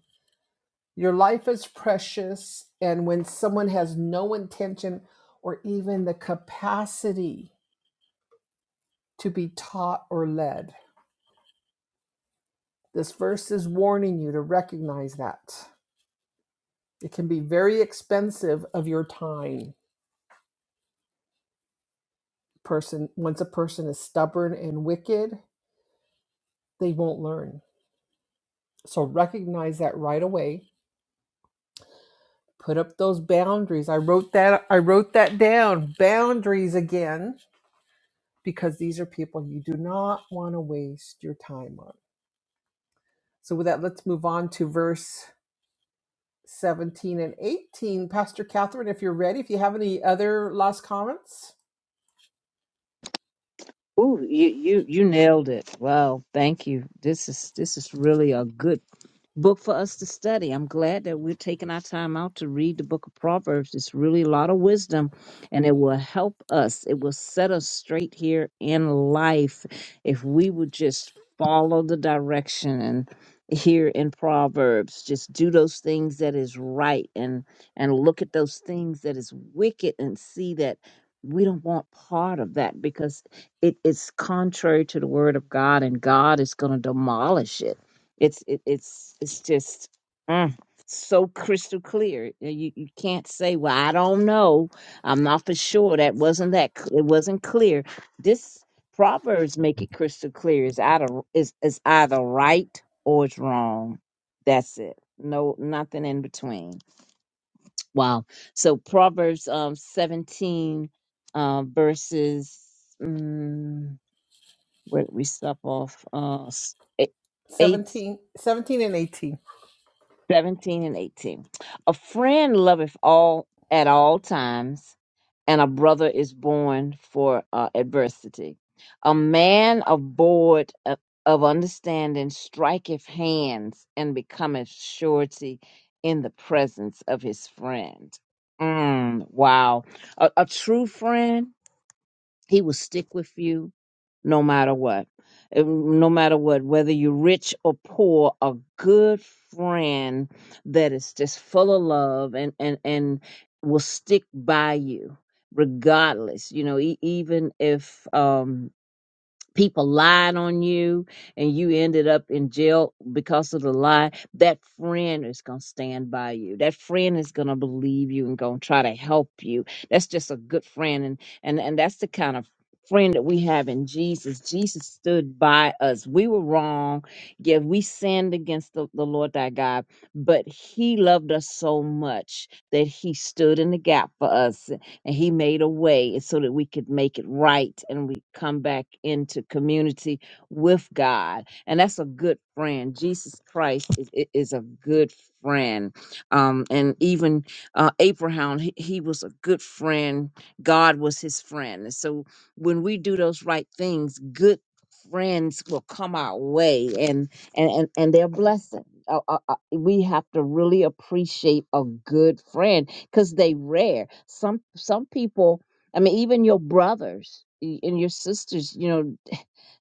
your life is precious and when someone has no intention or even the capacity to be taught or led this verse is warning you to recognize that it can be very expensive of your time person once a person is stubborn and wicked they won't learn so recognize that right away put up those boundaries i wrote that i wrote that down boundaries again because these are people you do not want to waste your time on. So, with that, let's move on to verse 17 and 18. Pastor Catherine, if you're ready, if you have any other last comments,
Ooh, you, you you nailed it. Wow, thank you. This is this is really a good book for us to study. I'm glad that we're taking our time out to read the book of Proverbs. It's really a lot of wisdom and it will help us. It will set us straight here in life if we would just follow the direction and here in Proverbs just do those things that is right and and look at those things that is wicked and see that we don't want part of that because it is contrary to the word of God and God is going to demolish it it's it, it's it's just mm, so crystal clear. You you can't say, "Well, I don't know. I'm not for sure." That wasn't that. cl- It wasn't clear. This Proverbs make it crystal clear. It's either is is either right or it's wrong. That's it. No, nothing in between. Wow. So Proverbs um 17 uh, verses. Mm, where did we stop off? Uh, s- eight.
seventeen, seventeen and 18.
17 and 18. A friend loveth all at all times, and a brother is born for uh, adversity. A man abhorred of, of understanding striketh hands and becometh surety in the presence of his friend. Mm, wow. A, a true friend he will stick with you no matter what. Uh, No matter what, whether you're rich or poor, a good friend that is just full of love and, and, and will stick by you regardless, you know, e- even if, um, people lied on you and you ended up in jail because of the lie that friend is going to stand by you that friend is going to believe you and going to try to help you that's just a good friend and and and that's the kind of friend that we have in jesus jesus stood by us we were wrong yeah we sinned against the, the lord thy god but he loved us so much that he stood in the gap for us and he made a way so that we could make it right and we come back into community with God. And that's a good friend. Jesus Christ is, i- is a good friend. Um, and even uh, Abraham, he, he was a good friend. God was his friend. And so when we do those right things, good friends will come our way and and and, and they're blessing. Uh, uh, uh, we have to really appreciate a good friend because they rare. Some some people, I mean, even your brothers y- and your sisters, you know,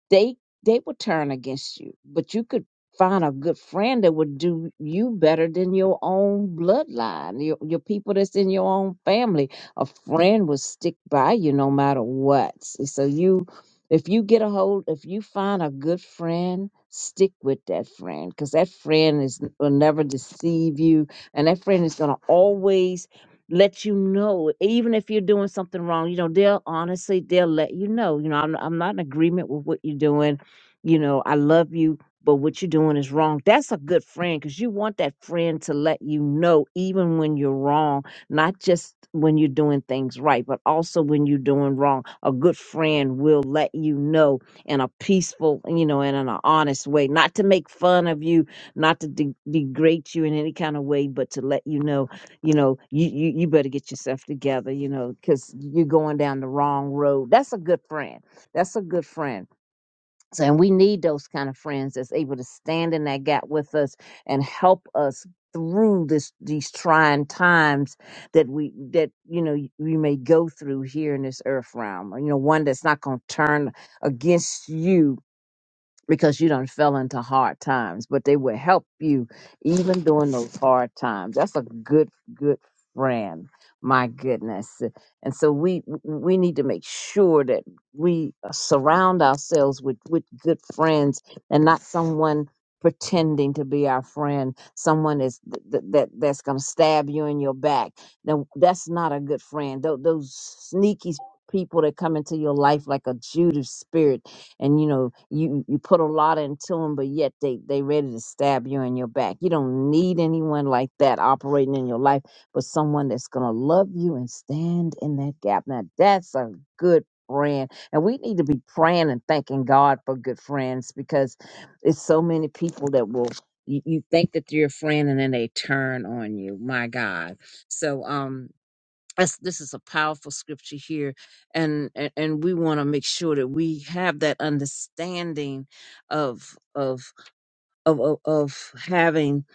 they they would turn against you, but you could find a good friend that would do you better than your own bloodline, your your people that's in your own family. A friend will stick by you no matter what. S- So you. If you get a hold, if you find a good friend, stick with that friend because that friend is will never deceive you, and that friend is gonna always let you know even if you're doing something wrong you know they'll honestly they'll let you know you know i'm, I'm not in agreement with what you're doing you know i love you but what you're doing is wrong that's a good friend because you want that friend to let you know even when you're wrong not just when you're doing things right but also when you're doing wrong a good friend will let you know in a peaceful you know and in an honest way not to make fun of you not to de- degrade you in any kind of way but to let you know you know you you, you better get yourself together you know because you're going down the wrong road that's a good friend that's a good friend so, and we need those kind of friends that's able to stand in that gap with us and help us through this these trying times that we that you know we may go through here in this earth realm you know one that's not going to turn against you because you done fell into hard times, but they will help you even during those hard times. That's a good, good friend. My goodness. And so we we need to make sure that we uh, surround ourselves with, with good friends and not someone pretending to be our friend, someone is th- th- that that's gonna stab you in your back. Now that's not a good friend. Those, those sneaky people that come into your life like a Judas spirit and you know you you put a lot into them but yet they they ready to stab you in your back you don't need anyone like that operating in your life but someone that's gonna love you and stand in that gap now that's a good friend and we need to be praying and thanking god for good friends because it's so many people that will you, you think that you're a friend and then they turn on you my god so um that's, this is a powerful scripture here, and and, and we want to make sure that we have that understanding of of of of, of having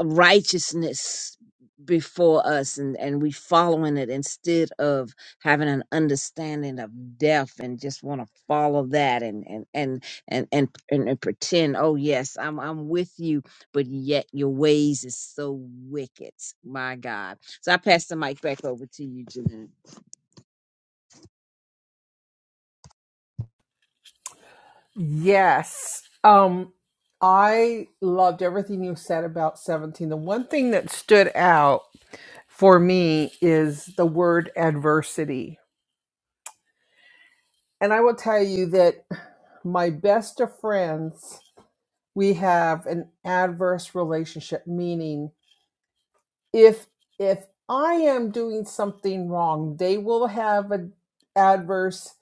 righteousness before us and, and we following it instead of having an understanding of death and just want to follow that and and, and and and and and pretend oh yes i'm i'm with you but yet your ways is so wicked my god so i pass the mic back over to you Janine.
Yes. Um, I loved everything you said about 17. The one thing that stood out for me is the word adversity. And I will tell you that my best of friends we have an adverse relationship meaning if if i am doing something wrong they will have an adverse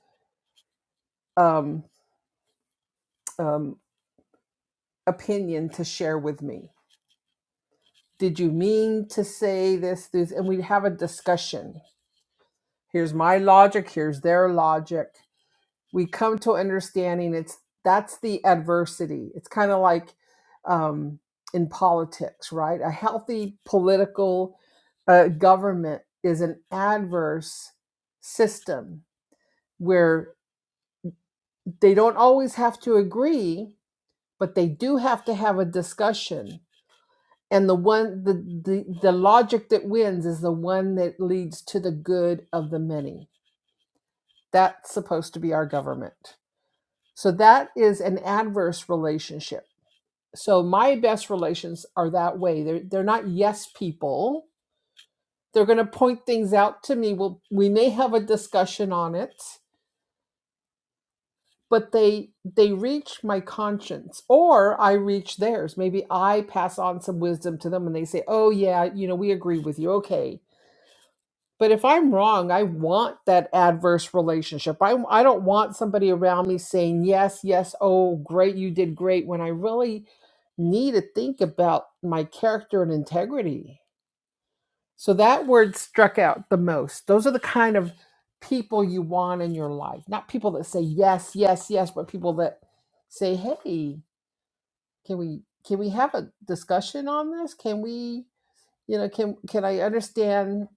um, um, opinion to share with me did you mean to say this this and we have a discussion here's my logic here's their logic we come to understanding it's that's the adversity it's kind of like um, in politics right a healthy political uh, government is an adverse system where they don't always have to agree but they do have to have a discussion and the one the, the the logic that wins is the one that leads to the good of the many that's supposed to be our government so that is an adverse relationship so my best relations are that way they're they're not yes people they're going to point things out to me we'll, we may have a discussion on it but they they reach my conscience or i reach theirs maybe i pass on some wisdom to them and they say oh yeah you know we agree with you okay But if I'm wrong, I want that adverse relationship. I, I don't want somebody around me saying, yes, yes, oh, great, you did great, when I really need to think about my character and integrity. So that word struck out the most. Those are the kind of people you want in your life, not people that say yes, yes, yes, but people that say, hey, can we can we have a discussion on this? Can we, you know, can can I understand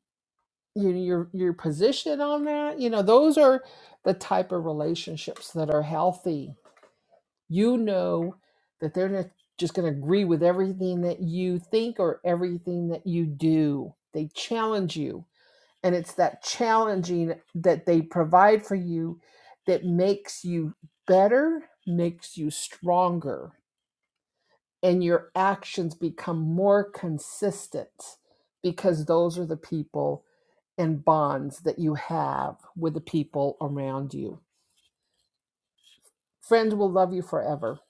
you know your your position on that you know those are the type of relationships that are healthy you know that they're not just going to agree with everything that you think or everything that you do they challenge you and it's that challenging that they provide for you that makes you better makes you stronger and your actions become more consistent because those are the people and bonds that you have with the people around you. Friends will love you forever.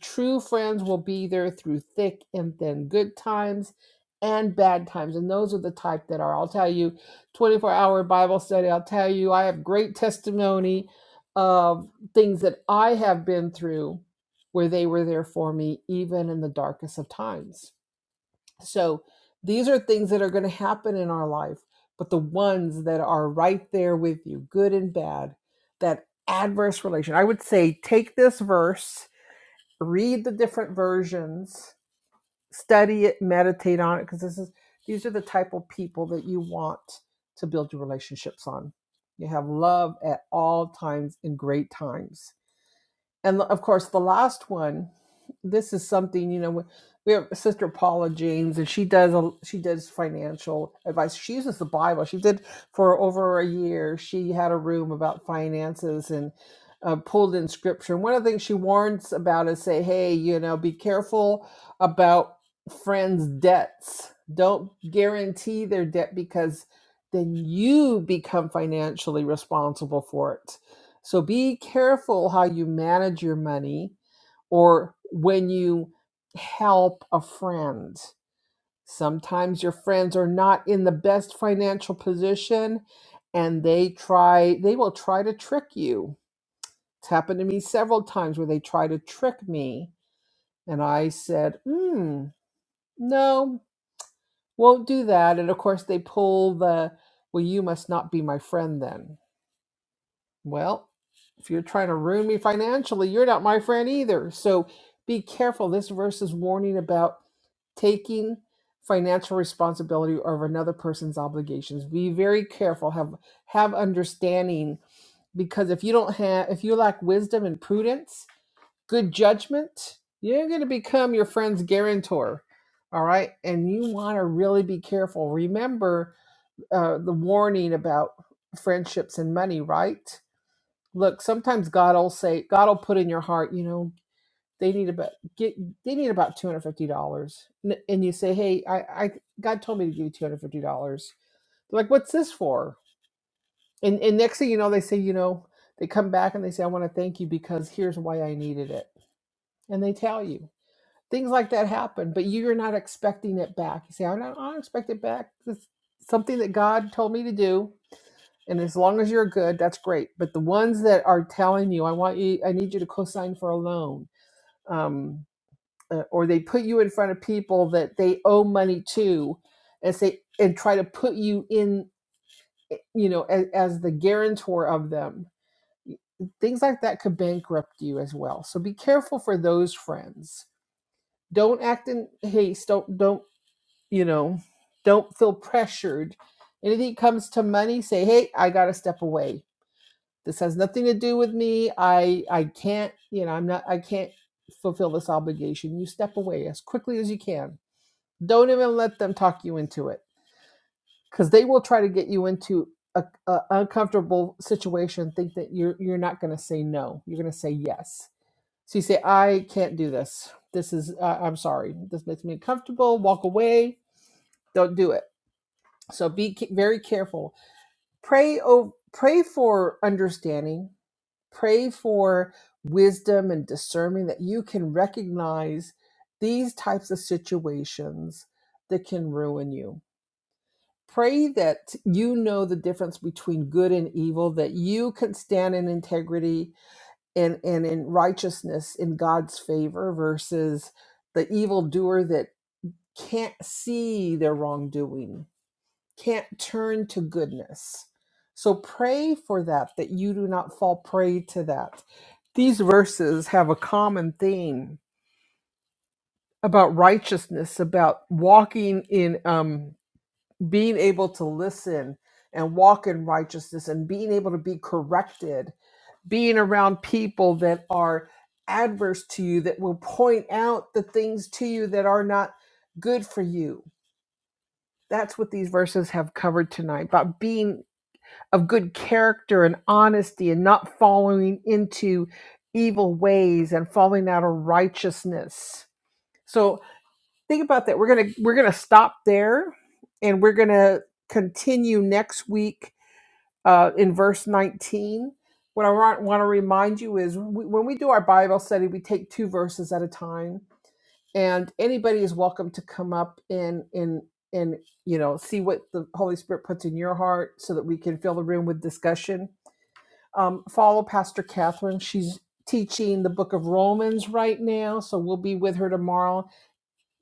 True friends will be there through thick and thin, good times and bad times. And those are the type that are, I'll tell you, 24 hour Bible study. I'll tell you, I have great testimony of things that I have been through where they were there for me, even in the darkest of times so these are things that are going to happen in our life, but the ones that are right there with you, good and bad, that adverse relation. I would say take this verse, read the different versions, study it, meditate on it, because this is these are the type of people that you want to build your relationships on. You have love at all times and great times and of course the last one this is something you know we have sister paula james and she does a she does financial advice she uses the bible she did for over a year she had a room about finances and uh, pulled in scripture and one of the things she warns about is say hey you know be careful about friends debts don't guarantee their debt because then you become financially responsible for it so be careful how you manage your money or when you help a friend. Sometimes your friends are not in the best financial position and they try they will try to trick you. It's happened to me several times where they try to trick me and I said, "Hmm, no, won't do that." And of course they pull the well you must not be my friend then Well, if you're trying to ruin me financially, you're not my friend either. So be careful. This verse is warning about taking financial responsibility over another person's obligations. Be very careful. Have have understanding because if you don't have if you lack wisdom and prudence, good judgment, you're going to become your friend's guarantor. All right, and you want to really be careful. Remember uh, the warning about friendships and money, right? look sometimes god will say god will put in your heart you know they need about get they need about $250 N- and and you say hey i i god told me to give you $250 they're like what's this for and and next thing you know they say you know they come back and they say i want to thank you because here's why i needed it and they tell you things like that happen but you're not expecting it back you say i don't, I don't expect it back it's something that god told me to do and as long as you're good, that's great. But the ones that are telling you, I want you, I need you to co-sign for a loan, um, uh, or they put you in front of people that they owe money to, and say and try to put you in, eh, you know, as, as the guarantor of them. Things like that could bankrupt you as well. So be careful for those friends. Don't act in haste. Don't don't you know? Don't feel pressured. Anything comes to money, say, "Hey, I got to step away." this has nothing to do with me i i can't you know i'm not i can't fulfill this obligation you step away as quickly as you can don't even let them talk you into it because they will try to get you into a, a uncomfortable situation think that you're you're not going to say no you're going to say yes so you say i can't do this this is uh, i'm sorry this makes me uncomfortable walk away don't do it so be ca- very careful pray oh, pray for understanding Pray for wisdom and discernment that you can recognize these types of situations that can ruin you. Pray that you know the difference between good and evil, that you can stand in integrity and, and in righteousness in God's favor versus the evildoer that can't see their wrongdoing can't turn to goodness. So pray for that, that you do not fall prey to that. These verses have a common theme about righteousness, about walking in, um, being able to listen and walk in righteousness and being able to be corrected, being around people that are adverse to you, that will point out the things to you that are not good for you. That's what these verses have covered tonight about being of good character and honesty and not following into evil ways and falling out of righteousness. So think about that. We're gonna we're gonna stop there and we're gonna continue next week uh, in verse 19. What I want, want to remind you is we, when we do our Bible study, we take two verses at a time, and anybody is welcome to come up and and and you know see what the Holy Spirit puts in your heart, so that we can fill the room with discussion um, follow Pastor Catherine. She's teaching the book of Romans right now, so we'll be with her tomorrow,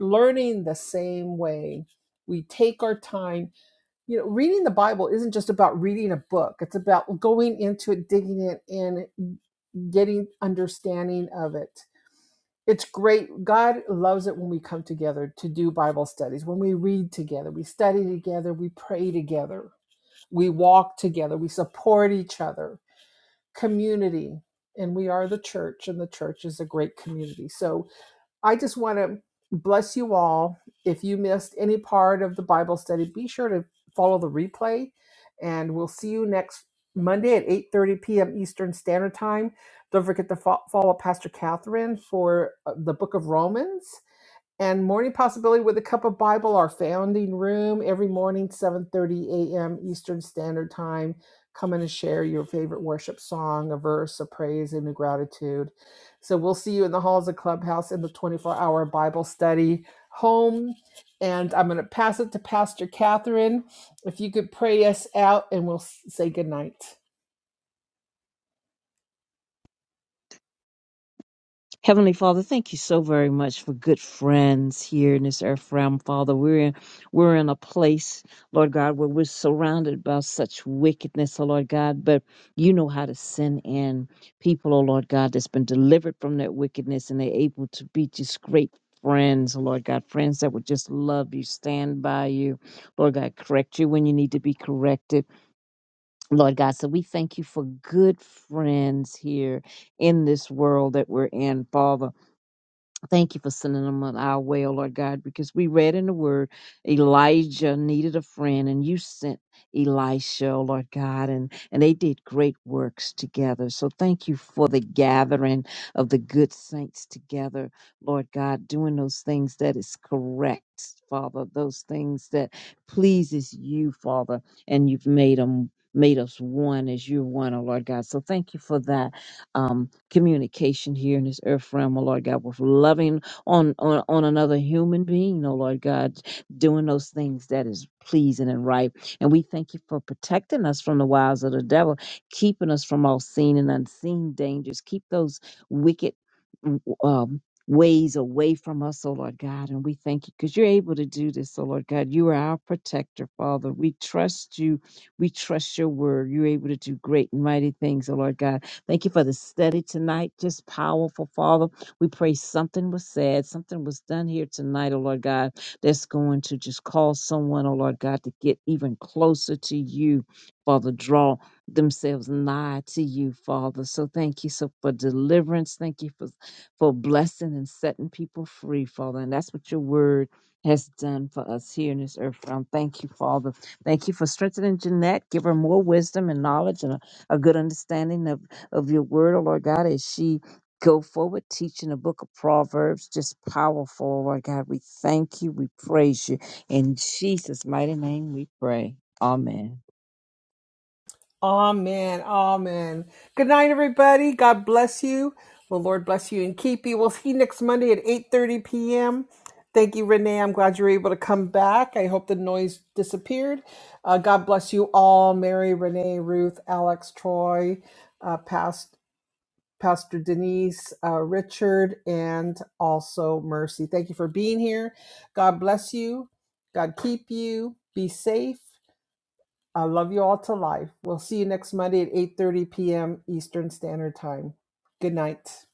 learning the same way. We take our time. You know, reading the Bible isn't just about reading a book, it's about going into it, digging it in, getting understanding of it. It's great. God loves it when we come together to do Bible studies, when we read together, we study together, we pray together, we walk together, we support each other community and we are the church and the church is a great community so i just want to bless you all if you missed any part of the bible study be sure to follow the replay and we'll see you next monday at 8.30 p.m eastern standard time don't forget to fo- follow pastor catherine for uh, the book of romans and morning possibility with a cup of bible our founding room every morning 7.30 a.m eastern standard time come in and share your favorite worship song a verse a praise and a gratitude so we'll see you in the halls of clubhouse in the 24-hour bible study home and i'm going to pass it to pastor catherine if you could pray us out and we'll say good night.
Heavenly Father, thank you so very much for good friends here in this earth realm, Father. We're in, we're in a place, Lord God, where we're surrounded by such wickedness, oh Lord God, but you know how to send in people, oh Lord God, that's been delivered from that wickedness and they're able to be just great friends, oh Lord God, friends that would just love you, stand by you, Lord God, correct you when you need to be corrected, Lord God. So we thank you for good friends here in this world that we're in, Father. Thank you for sending them on our way, oh Lord God, because we read in the word Elijah needed a friend and you sent Elisha, oh Lord God, and, and they did great works together. So thank you for the gathering of the good saints together, Lord God, doing those things that is correct. Father, those things that pleases you, Father, and you've made them made us one as you're one, oh Lord God. So thank you for that um, communication here in this earth realm, oh Lord God, with loving on, on, on another human being, oh Lord God, doing those things that is pleasing and right. And we thank you for protecting us from the wiles of the devil, keeping us from all seen and unseen dangers. Keep those wicked w- um, ways away from us, oh Lord God. And we thank you because you're able to do this, oh Lord God. You are our protector, Father. We trust you. We trust your word. You're able to do great and mighty things, oh Lord God. Thank you for the study tonight. Just powerful, Father. We pray something was said, something was done here tonight, oh Lord God, that's going to just cause someone, oh Lord God, to get even closer to you, Father. Draw themselves nigh to you, Father. So thank you so for deliverance. Thank you for for blessing and setting people free, Father. And that's what your word has done for us here in this earth realm. Thank you, Father. Thank you for strengthening Jeanette. Give her more wisdom and knowledge and a, a good understanding of of your word, oh Lord God, as she go forward teaching the book of Proverbs. Just powerful, oh Lord God. We thank you. We praise you. In Jesus' mighty name we pray. Amen.
Amen. Amen. Good night, everybody. God bless you. The Lord bless you and keep you. We'll see you next Monday at 8.30 p.m. Thank you, Renee. I'm glad you were able to come back. I hope the noise disappeared. Uh, God bless you all. Mary, Renee, Ruth, Alex, Troy, uh, Past, Pastor Denise, uh, Richard, and also Mercy. Thank you for being here. God bless you. God keep you. Be safe. I love you all to life. We'll see you next Monday at 8:30 p.m. Eastern Standard Time. Good night.